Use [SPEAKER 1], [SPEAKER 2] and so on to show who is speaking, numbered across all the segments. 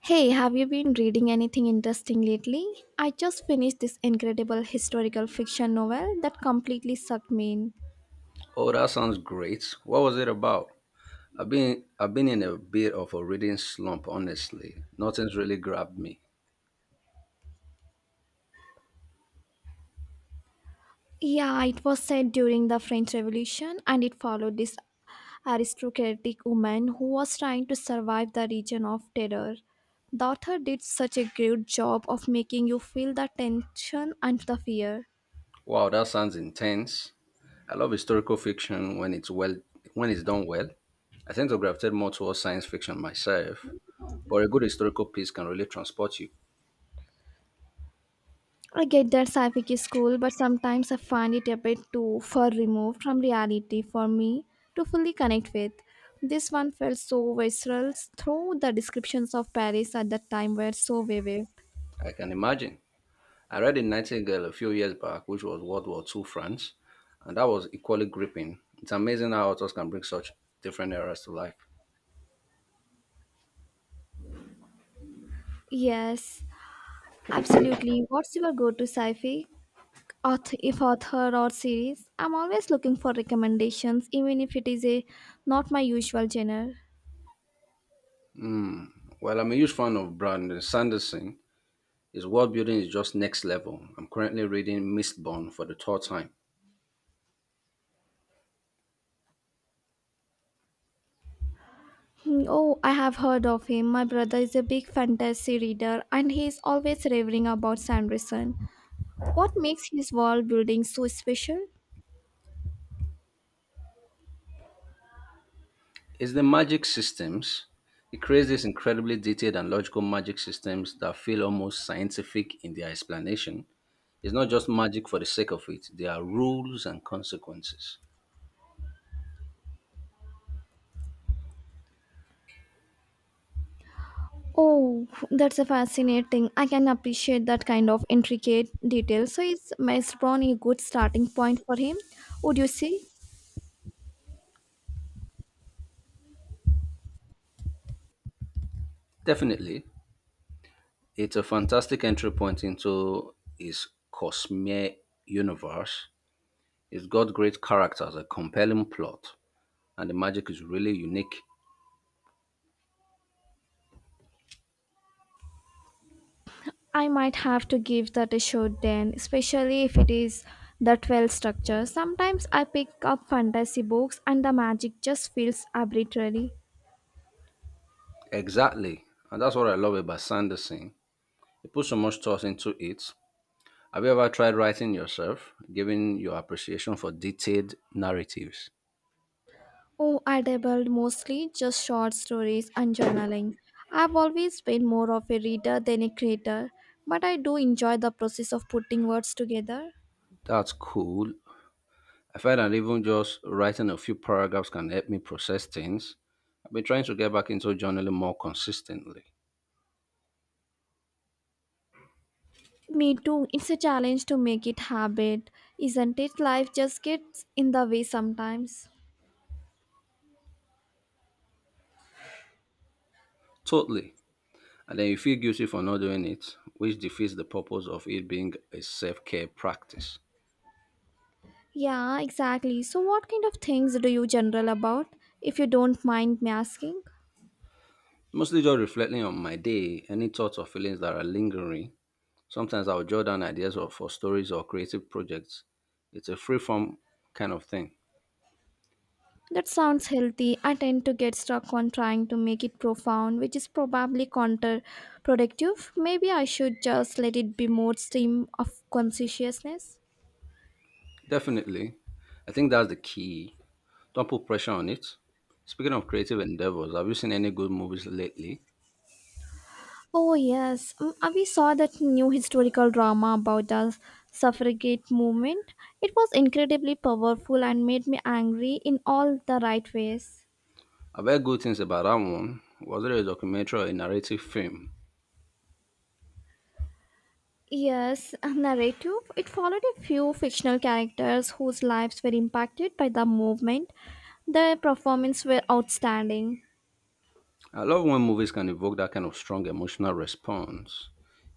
[SPEAKER 1] Hey, have you been reading anything interesting lately? I just finished this incredible historical fiction novel that completely sucked me in.
[SPEAKER 2] Oh, that sounds great. What was it about? I've been in a bit of a reading slump, honestly. Nothing's really grabbed me.
[SPEAKER 1] Yeah, it was set during the French Revolution and it followed this aristocratic woman who was trying to survive the region of terror. The author did such a great job of making you feel the tension and the fear.
[SPEAKER 2] Wow, that sounds intense. I love historical fiction when it's done well. I tend to gravitate more towards science fiction myself, but a good historical piece can really transport you.
[SPEAKER 1] I get that sci-fi is cool, but sometimes I find it a bit too far removed from reality for me to fully connect with. This one felt so visceral, though the descriptions of Paris at that time were so vivid.
[SPEAKER 2] I can imagine. I read The Nightingale a few years back, which was World War Two France, and that was equally gripping. It's amazing how authors can bring such different eras to life.
[SPEAKER 1] Yes, absolutely. What's your go-to sci-fi author, if author or series? I'm always looking for recommendations, even if it is a not my usual genre.
[SPEAKER 2] Well, I'm a huge fan of Brandon Sanderson. His world building is just next level. I'm currently reading Mistborn for the third time.
[SPEAKER 1] Oh, I have heard of him. My brother is a big fantasy reader and he is always raving about Sanderson. What makes his wall building so special?
[SPEAKER 2] It's the magic systems. He creates these incredibly detailed and logical magic systems that feel almost scientific in their explanation. It's not just magic for the sake of it, there are rules and consequences.
[SPEAKER 1] Oh, that's a fascinating. I can appreciate that kind of intricate detail. So is Maze Brown a good starting point for him? Would you say?
[SPEAKER 2] Definitely, it's a fantastic entry point into his Cosmere universe. It's got great characters, a compelling plot, and the magic is really unique.
[SPEAKER 1] I might have to give that a shot then, especially if it is that well structured. Sometimes I pick up fantasy books and the magic just feels arbitrary.
[SPEAKER 2] Exactly. And that's what I love about Sanderson. He put so much thought into it. Have you ever tried writing yourself, giving your appreciation for detailed narratives?
[SPEAKER 1] Oh, I dabbled mostly just short stories and journaling. I've always been more of a reader than a creator, but I do enjoy the process of putting words together.
[SPEAKER 2] That's cool. I find that even just writing a few paragraphs can help me process things. I've been trying to get back into journaling more consistently.
[SPEAKER 1] Me too. It's a challenge to make it habit, isn't it? Life just gets in the way sometimes.
[SPEAKER 2] Totally. And then you feel guilty for not doing it, which defeats the purpose of it being a self care practice.
[SPEAKER 1] Yeah, exactly. So what kind of things do you journal about if you don't mind me asking?
[SPEAKER 2] Mostly just reflecting on my day, any thoughts or feelings that are lingering. Sometimes I'll jot down ideas or for stories or creative projects. It's a free form kind of thing.
[SPEAKER 1] That sounds healthy. I tend to get stuck on trying to make it profound, which is probably counterproductive. Maybe I should just let it be more stream of consciousness.
[SPEAKER 2] Definitely. I think that's the key. Don't put pressure on it. Speaking of creative endeavors, have you seen any good movies lately?
[SPEAKER 1] Oh yes, we saw that new historical drama about the suffragette movement. It was incredibly powerful and made me angry in all the right ways.
[SPEAKER 2] I've heard good things about that one. Was it a documentary or a narrative film?
[SPEAKER 1] Yes, a narrative. It followed a few fictional characters whose lives were impacted by the movement. Their performances were outstanding.
[SPEAKER 2] I love when movies can evoke that kind of strong emotional response.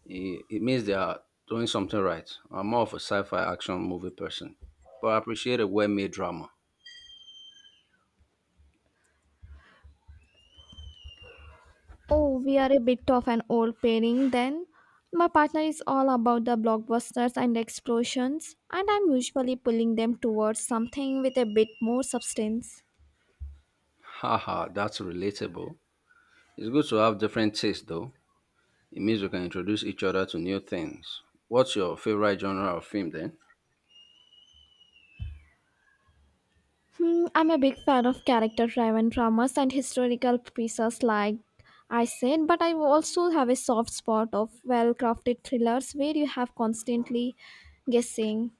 [SPEAKER 2] It means they are doing something right. I'm more of a sci fi action movie person, but I appreciate a well made drama.
[SPEAKER 1] Oh, we are a bit of an old pairing then. My partner is all about the blockbusters and explosions, and I'm usually pulling them towards something with a bit more substance.
[SPEAKER 2] Haha, that's relatable. It's good to have different tastes though. It means we can introduce each other to new things. What's your favorite genre of film then?
[SPEAKER 1] I'm a big fan of character driven dramas and historical pieces, like I said, but I also have a soft spot of well crafted thrillers where you have constantly guessing.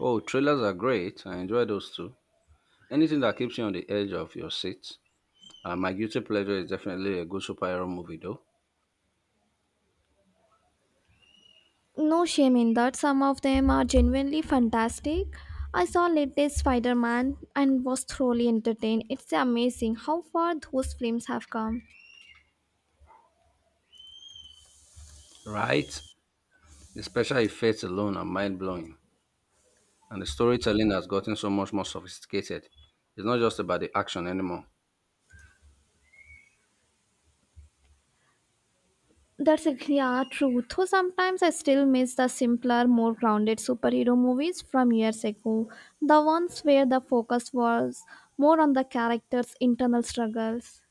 [SPEAKER 2] Oh, trailers are great. I enjoy those too. Anything that keeps you on the edge of your seat. My guilty pleasure is definitely a good superhero movie though.
[SPEAKER 1] No shame in that, some of them are genuinely fantastic. I saw latest Spider Man and was thoroughly entertained. It's amazing how far those films have come.
[SPEAKER 2] Right? The special effects alone are mind blowing. And the storytelling has gotten so much more sophisticated. It's not just about the action anymore.
[SPEAKER 1] That's a yeah, true. Though sometimes I still miss the simpler, more grounded superhero movies from years ago. The ones where the focus was more on the characters' internal struggles.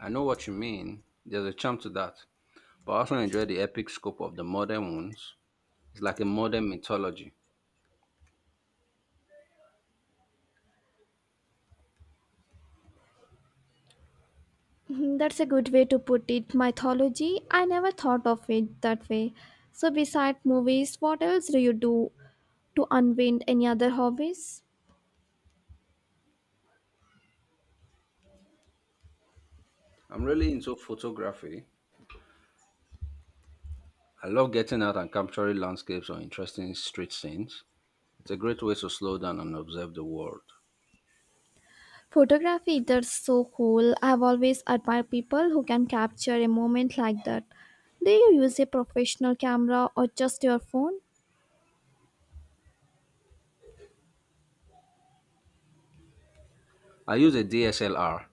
[SPEAKER 2] I know what you mean. There's a charm to that. But I also enjoy the epic scope of the modern ones. It's like a modern mythology.
[SPEAKER 1] Mhm, that's a good way to put it. Mythology, I never thought of it that way. So, besides movies, what else do you do to unwind any other hobbies?
[SPEAKER 2] I'm really into photography. I love getting out and capturing landscapes or interesting street scenes. It's a great way to slow down and observe the world.
[SPEAKER 1] Photography, that's so cool. I've always admired people who can capture a moment like that. Do you use a professional camera or just your phone?
[SPEAKER 2] I use a DSLR,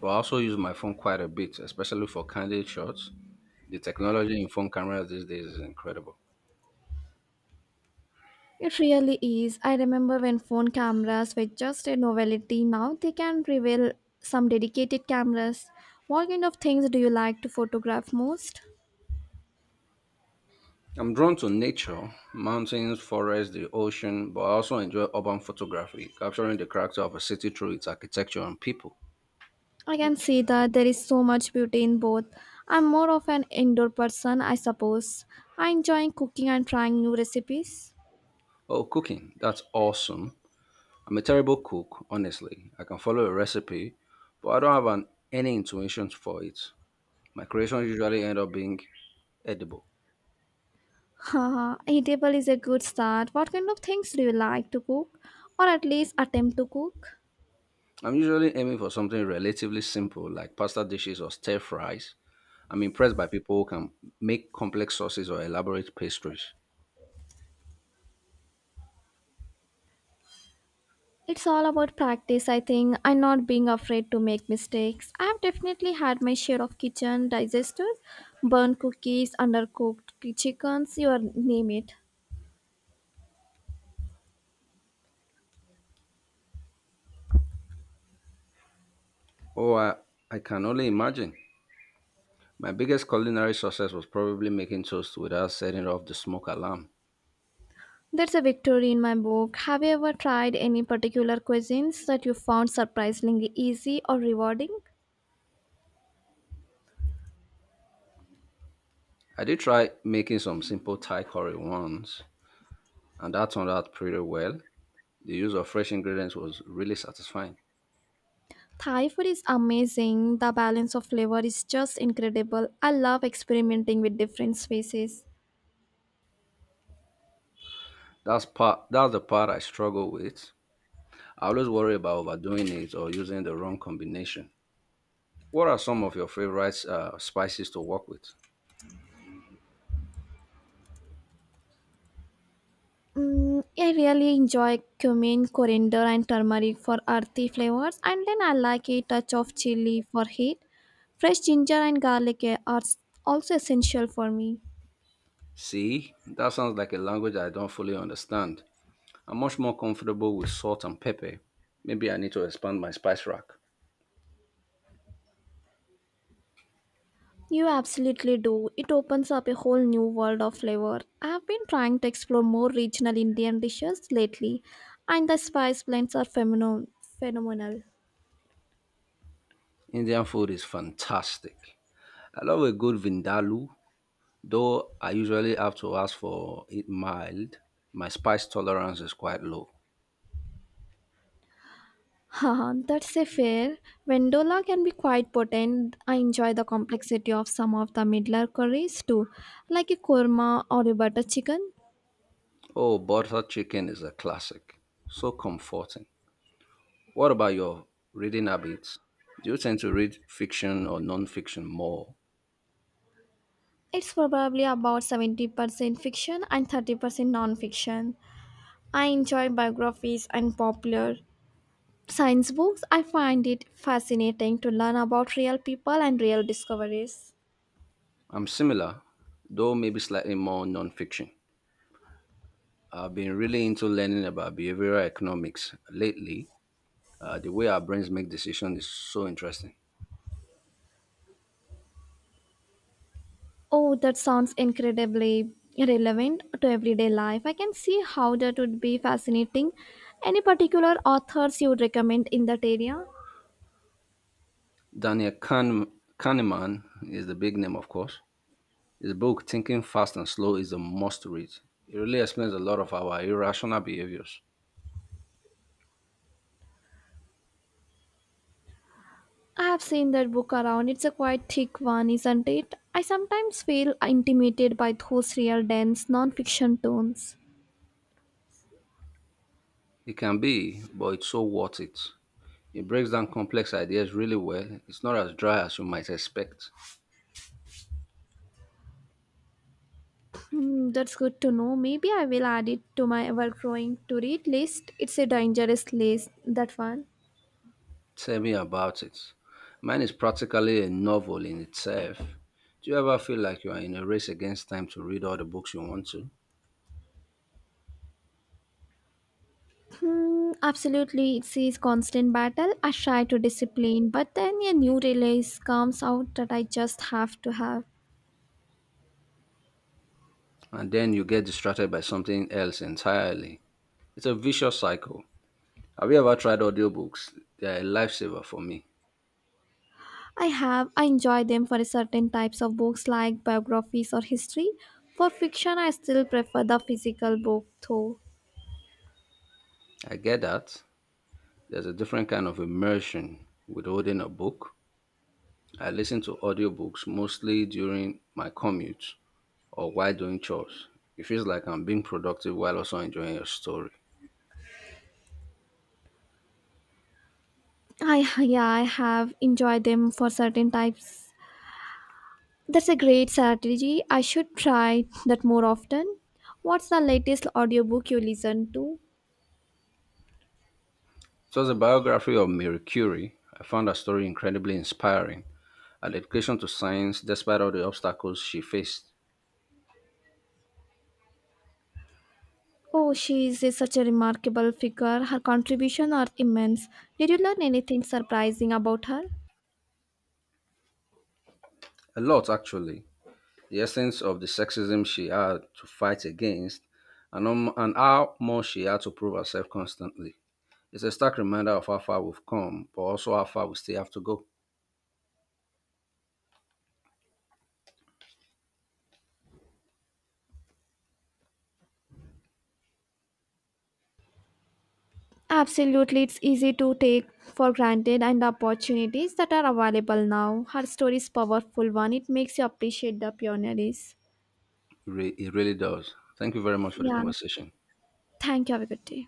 [SPEAKER 2] but I also use my phone quite a bit, especially for candid shots. The technology in phone cameras these days is incredible.
[SPEAKER 1] It really is. I remember when phone cameras were just a novelty. Now they can reveal some dedicated cameras. What kind of things do you like to photograph most?
[SPEAKER 2] I'm drawn to nature, mountains, forests, the ocean, but I also enjoy urban photography, capturing the character of a city through its architecture and people.
[SPEAKER 1] I can see that there is so much beauty in both. I'm more of an indoor person, I suppose. I enjoy cooking and trying new recipes.
[SPEAKER 2] Oh, cooking, that's awesome. I'm a terrible cook, honestly. I can follow a recipe, but I don't have any intuition for it. My creations usually end up being edible.
[SPEAKER 1] Haha, eatable is a good start. What kind of things do you like to cook? Or at least attempt to cook?
[SPEAKER 2] I'm usually aiming for something relatively simple like pasta dishes or stir fries. I'm impressed by people who can make complex sauces or elaborate pastries.
[SPEAKER 1] It's all about practice, I think, and not being afraid to make mistakes. I have definitely had my share of kitchen disasters, burnt cookies, undercooked chickens, you name it.
[SPEAKER 2] Oh, I can only imagine. My biggest culinary success was probably making toast without setting off the smoke alarm.
[SPEAKER 1] That's a victory in my book. Have you ever tried any particular cuisines that you found surprisingly easy or rewarding?
[SPEAKER 2] I did try making some simple Thai curry once, and that turned out pretty well. The use of fresh ingredients was really satisfying.
[SPEAKER 1] Thai food is amazing. The balance of flavor is just incredible. I love experimenting with different spices.
[SPEAKER 2] That's the part I struggle with. I always worry about overdoing it or using the wrong combination. What are some of your favorite spices to work with?
[SPEAKER 1] I really enjoy cumin, coriander, and turmeric for earthy flavors, and then I like a touch of chili for heat. Fresh ginger and garlic are also essential for me.
[SPEAKER 2] See, that sounds like a language I don't fully understand. I'm much more comfortable with salt and pepper. Maybe I need to expand my spice rack.
[SPEAKER 1] You absolutely do. It opens up a whole new world of flavor. I have been trying to explore more regional Indian dishes lately, and the spice blends are phenomenal.
[SPEAKER 2] Indian food is fantastic. I love a good vindaloo, though I usually have to ask for it mild. My spice tolerance is quite low.
[SPEAKER 1] Haha, that's a fair. Vendola can be quite potent. I enjoy the complexity of some of the middler curries too, like a korma or a butter chicken.
[SPEAKER 2] Oh, butter chicken is a classic. So comforting. What about your reading habits? Do you tend to read fiction or non-fiction more?
[SPEAKER 1] It's probably about 70% fiction and 30% non-fiction. I enjoy biographies and popular science books. I find it fascinating to learn about real people and real discoveries.
[SPEAKER 2] I'm similar, though maybe slightly more non-fiction. I've been really into learning about behavioral economics lately. The way our brains make decisions is so interesting.
[SPEAKER 1] Oh, that sounds incredibly relevant to everyday life. I can see how that would be fascinating. Any particular authors you would recommend in that area?
[SPEAKER 2] Daniel Kahn- Kahneman is the big name, of course. His book, Thinking Fast and Slow, is a must read. It really explains a lot of our irrational behaviors.
[SPEAKER 1] I have seen that book around. It's a quite thick one, isn't it? I sometimes feel intimidated by those real dense non-fiction tones.
[SPEAKER 2] It can be, but it's so worth it. It breaks down complex ideas really well. It's not as dry as you might expect.
[SPEAKER 1] That's good to know. Maybe I will add it to my ever-growing to-read list. It's a dangerous list, that one.
[SPEAKER 2] Tell me about it. Mine is practically a novel in itself. Do you ever feel like you are in a race against time to read all the books you want to?
[SPEAKER 1] Absolutely, it is a constant battle. I try to discipline, but then a new release comes out that I just have to have.
[SPEAKER 2] And then you get distracted by something else entirely. It's a vicious cycle. Have you ever tried audiobooks? They're a lifesaver for me.
[SPEAKER 1] I enjoy them for certain types of books like biographies or history. For fiction, I still prefer the physical book though.
[SPEAKER 2] I get that. There's a different kind of immersion with holding a book. I listen to audiobooks mostly during my commute or while doing chores. It feels like I'm being productive while also enjoying a story.
[SPEAKER 1] I Yeah, I have enjoyed them for certain types. That's a great strategy. I should try that more often. What's the latest audiobook you listen to?
[SPEAKER 2] It was a biography of Marie Curie. I found her story incredibly inspiring. Her dedication to science, despite all the obstacles she faced.
[SPEAKER 1] Oh, she is such a remarkable figure. Her contributions are immense. Did you learn anything surprising about her?
[SPEAKER 2] A lot, actually. The essence of the sexism she had to fight against, and and how much she had to prove herself constantly. It's a stark reminder of how far we've come, but also how far we still have to go.
[SPEAKER 1] Absolutely, it's easy to take for granted and the opportunities that are available now. Her story is powerful one. It makes you appreciate the pioneers.
[SPEAKER 2] It really does. Thank you very much for the
[SPEAKER 1] Yeah.
[SPEAKER 2] conversation.
[SPEAKER 1] Thank you. Have a good day.